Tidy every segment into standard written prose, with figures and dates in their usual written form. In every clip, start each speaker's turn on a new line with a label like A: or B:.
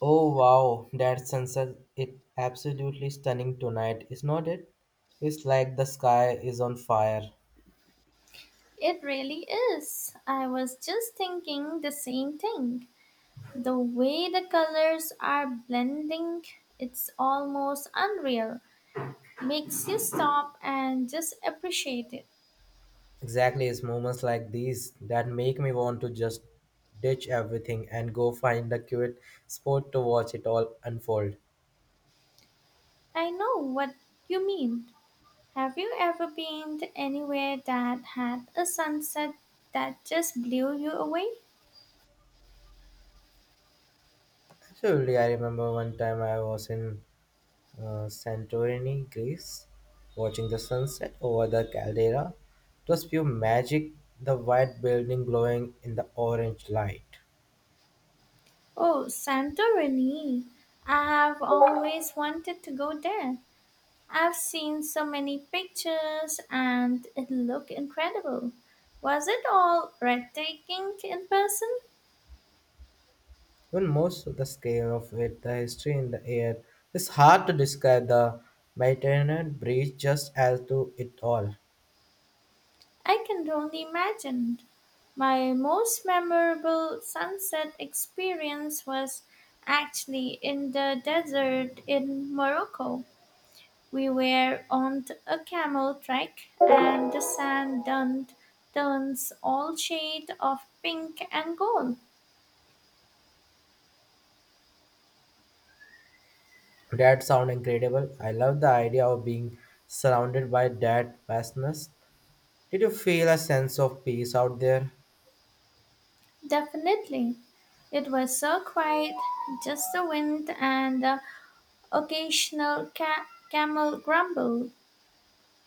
A: Oh wow, that sunset it absolutely stunning tonight, is not it? It's like the sky is on fire.
B: It really is. I was just thinking the same thing. The way the colors are blending, it's almost unreal. Makes you stop and just appreciate it.
A: Exactly, it's moments like these that make me want to just ditch everything and go find a cute spot to watch it all unfold.
B: I know what you mean. Have you ever been to anywhere that had a sunset that just blew you away?
A: Absolutely, I remember one time I was in Santorini, Greece, watching the sunset over the caldera. It was pure magic, the white building glowing in the orange light.
B: Oh, Santorini. I have always wanted to go there. I've seen so many pictures and it looked incredible. Was it all breathtaking in person?
A: Even most of the scale of it, the history in the air, it's hard to describe the Mediterranean breeze just as to it all.
B: I can only imagine. My most memorable sunset experience was actually in the desert in Morocco. We were on a camel trek and the sand turned turns all shade of pink and gold.
A: That sound incredible. I love the idea of being surrounded by that vastness. Did you feel a sense of peace out there?
B: Definitely. It was so quiet, just the wind and the occasional camel grumble.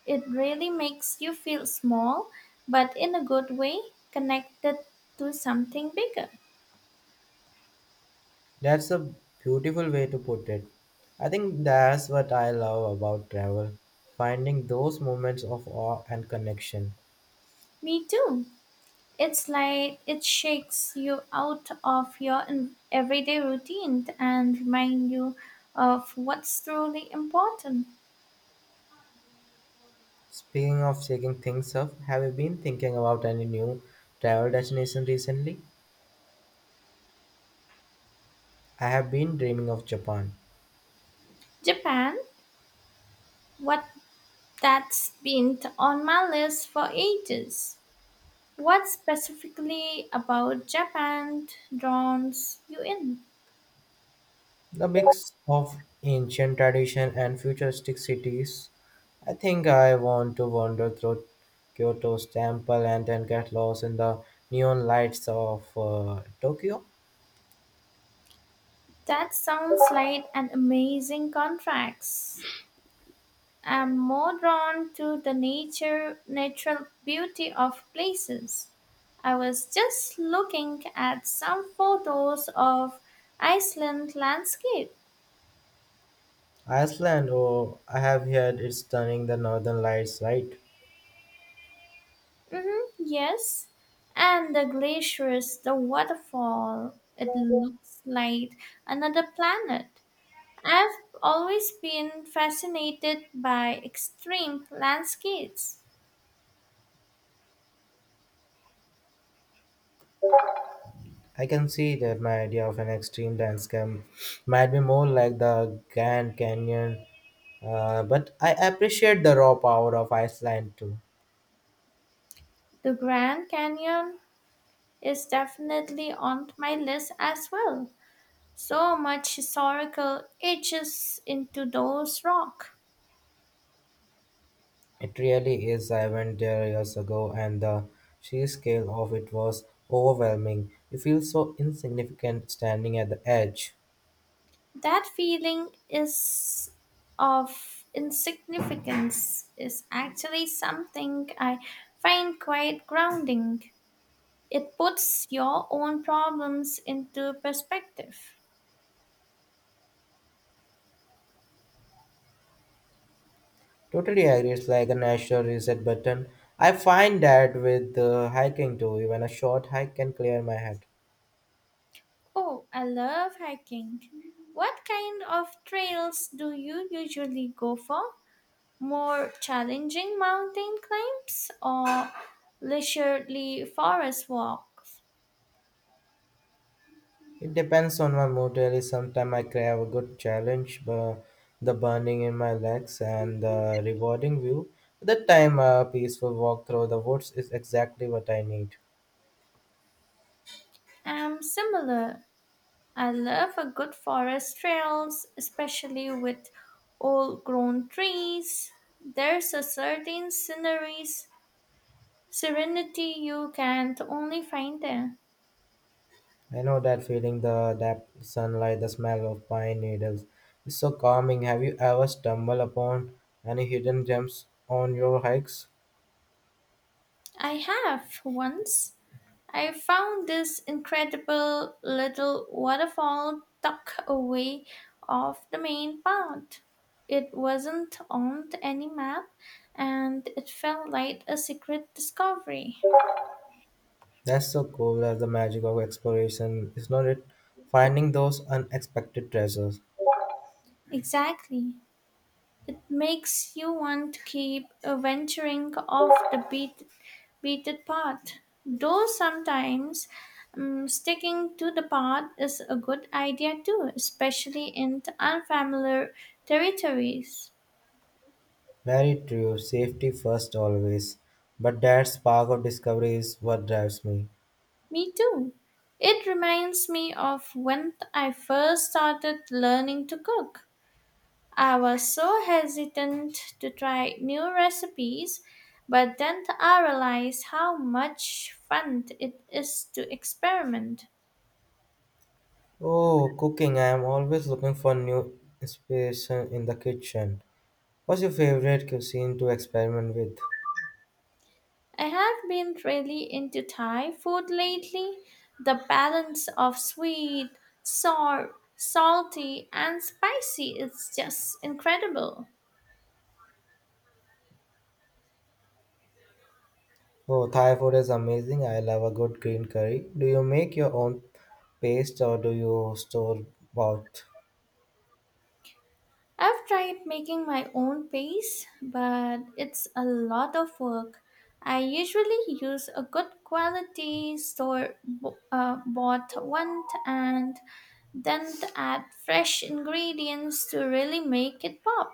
B: It really makes you feel small, but in a good way, connected to something bigger.
A: That's a beautiful way to put it. I think that's what I love about travel, finding those moments of awe and connection.
B: Me too. It's like it shakes you out of your everyday routine and remind you of what's truly important.
A: Speaking of shaking things up, have you been thinking about any new travel destination recently? I have been dreaming of Japan.
B: Japan, what that's been on my list for ages. What specifically about Japan draws you in?
A: The mix of ancient tradition and futuristic cities. I think I want to wander through Kyoto's temple and then get lost in the neon lights of Tokyo.
B: That sounds like an amazing contrast. I'm more drawn to the natural beauty of places. I was just looking at some photos of Iceland landscape.
A: Iceland, oh, I have heard it's stunning the northern lights, right?
B: Mm-hmm, yes, and the glaciers, the waterfall. It looks like another planet. I've always been fascinated by extreme landscapes.
A: I can see that my idea of an extreme landscape might be more like the Grand Canyon, but I appreciate the raw power of Iceland too.
B: The Grand Canyon is definitely on my list as well. So much historical etches into those rocks.
A: It really is. I went there years ago, and the sheer scale of it was overwhelming. You feel so insignificant standing at the edge.
B: That feeling is Of insignificance is actually something I find quite grounding. It puts your own problems into perspective.
A: Totally agree. It's like a natural reset button. I find that with hiking too. Even a short hike can clear my head.
B: Oh, I love hiking. What kind of trails do you usually go for? More challenging mountain climbs or leisurely forest walks?
A: It depends on my mood really. Sometimes I crave a good challenge, the burning in my legs and the rewarding view. That time a peaceful walk through the woods is exactly what I need.
B: I'm similar. I love a good forest trails, especially with old grown trees. There's a serenity you can't only find there.
A: I know that feeling the that sunlight, the smell of pine needles is so calming. Have you ever stumbled upon any hidden gems on your hikes?
B: I have once I found this incredible little waterfall tucked away off the main path. It wasn't on any map and it felt like a secret discovery.
A: That's so cool. That's the magic of exploration, is not it? Finding those unexpected treasures.
B: Exactly. It makes you want to keep venturing off the beaten path. Though sometimes sticking to the path is a good idea too, especially in unfamiliar territories.
A: Very true, safety first always. But that spark of discovery is what drives me.
B: Me too. It reminds me of when I first started learning to cook. I was so hesitant to try new recipes, but then I realized how much fun it is to experiment.
A: Oh, cooking. I am always looking for new inspiration in the kitchen. What's your favorite cuisine to experiment with?
B: I have been really into Thai food lately. The balance of sweet, sour, salty, and spicy is just incredible.
A: Oh, Thai food is amazing. I love a good green curry. Do you make your own paste or do you store bought?
B: I've tried making my own paste, but it's a lot of work. I usually use a good quality bought one and then add fresh ingredients to really make it pop.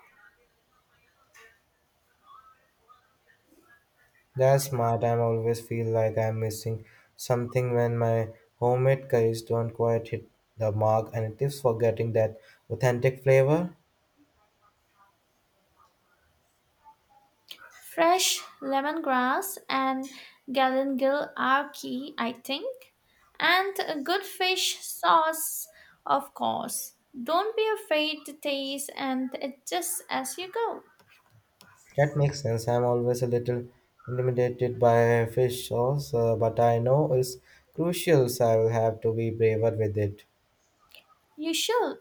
A: That's smart. I always feel like I'm missing something when my homemade curries don't quite hit the mark, and tips for getting that authentic flavor.
B: Fresh lemongrass and galangal are key, I think, and a good fish sauce, of course. Don't be afraid to taste and adjust as you go.
A: That makes sense. I'm always a little intimidated by fish sauce, but I know it's crucial, so I will have to be braver with it.
B: You should.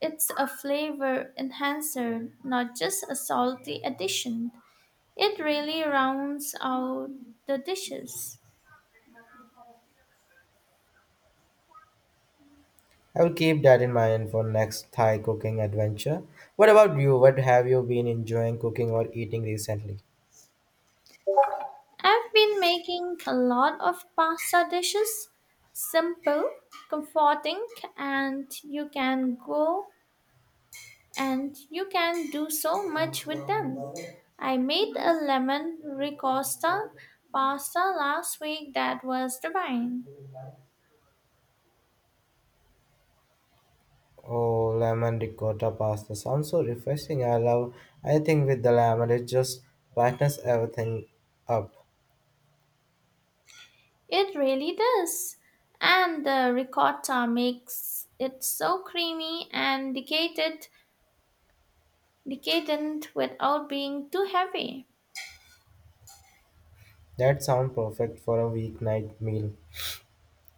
B: It's a flavor enhancer, not just a salty addition. It really rounds out the dishes.
A: I will keep that in mind for next Thai cooking adventure. What about you? What have you been enjoying cooking or eating recently?
B: I've been making a lot of pasta dishes. Simple, comforting, and you can go and you can do so much with them. I made a lemon ricotta pasta last week that was divine.
A: Oh, lemon ricotta pasta sounds so refreshing. I love anything with the lemon. It just brightens everything up.
B: It really does. And the ricotta makes it so creamy and decadent without being too heavy.
A: That sounds perfect for a weeknight meal.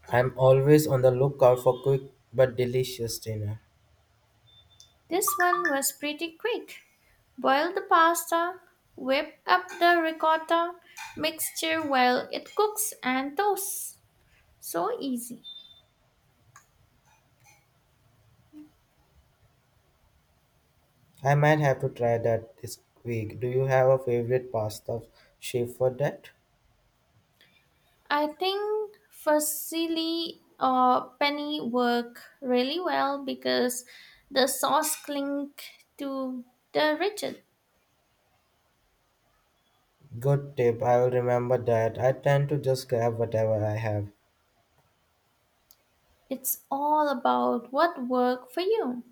A: I'm always on the lookout for quick but delicious dinner.
B: This one was pretty quick. Boil the pasta, whip up the ricotta mixture while it cooks and toasts. So easy.
A: I might have to try that this week. Do you have a favorite pasta shape for that?
B: I think fusilli or penny work really well because the sauce cling to the rigid.
A: Good tip. I will remember that. I tend to just grab whatever I have.
B: It's all about what worked for you.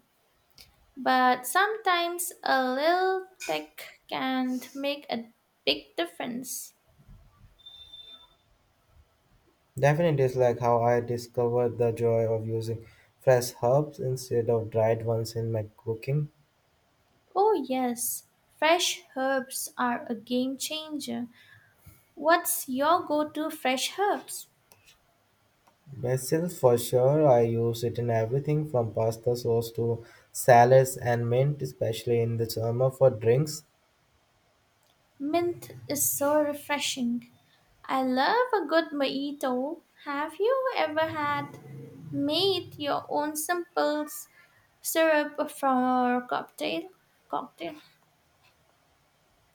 B: But sometimes a little tech can make a big difference.
A: Definitely, it's like how I discovered the joy of using fresh herbs instead of dried ones in my cooking.
B: Oh, yes, fresh herbs are a game changer. What's your go to fresh herbs?
A: Basil, for sure, I use it in everything from pasta sauce to salads and mint, especially in the summer for drinks.
B: Mint is so refreshing. I love a good mojito. Have you ever had made your own simple syrup for a cocktail? Cocktail.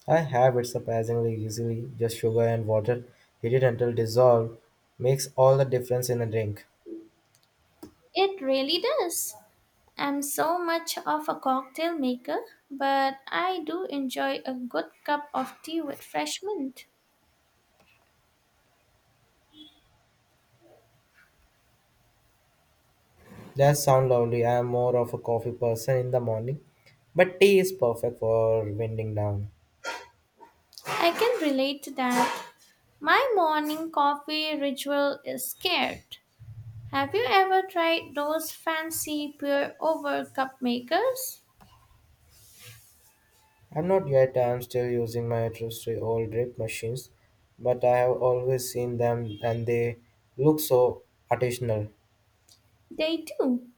A: I have it surprisingly easily, just sugar and water heated until dissolved makes all the difference in a drink.
B: It really does. I'm so much of a cocktail maker, but I do enjoy a good cup of tea with fresh mint.
A: That sounds lovely. I am more of a coffee person in the morning, but tea is perfect for winding down.
B: I can relate to that. My morning coffee ritual is scared. Have you ever tried those fancy pour over cup makers?
A: I'm not yet, I'm still using my trusty old drip machines, but I have always seen them and they look so artisanal.
B: They do.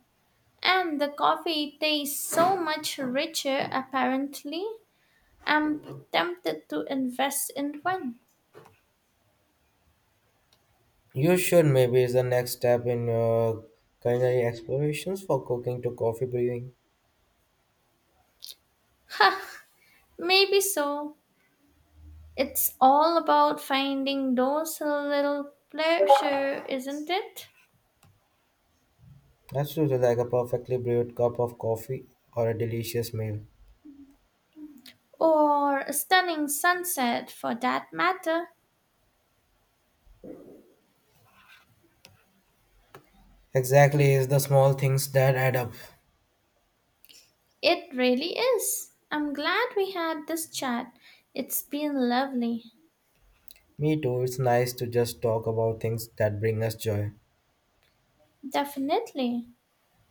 B: And the coffee tastes so much richer apparently. I'm tempted to invest in one.
A: You should maybe is the next step in your culinary explorations for cooking to coffee brewing.
B: Maybe so. It's all about finding those little pleasure, isn't it?
A: Absolutely like a perfectly brewed cup of coffee or a delicious meal.
B: Or a stunning sunset for that matter.
A: Exactly, it's the small things that add up.
B: It really is. I'm glad we had this chat. It's been lovely.
A: Me too, it's nice to just talk about things that bring us joy.
B: Definitely.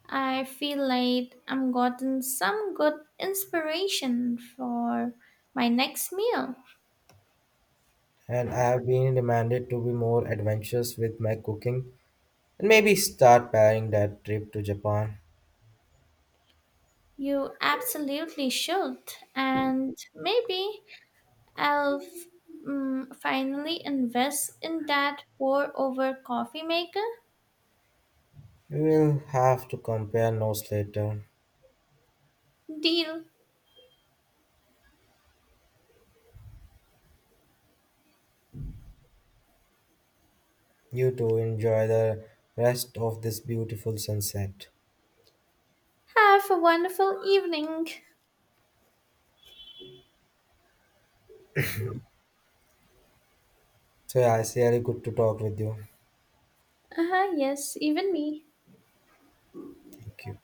B: I feel like I'm gotten some good inspiration for my next meal.
A: And I have been reminded to be more adventurous with my cooking and maybe start planning that trip to Japan.
B: You absolutely should. And maybe I'll f- finally invest in that pour over coffee maker.
A: We will have to compare notes later.
B: Deal.
A: You two enjoy the rest of this beautiful sunset.
B: Have a wonderful evening.
A: So yeah, it's really good to talk with you.
B: Uh-huh, yes, even me.
A: Thank you.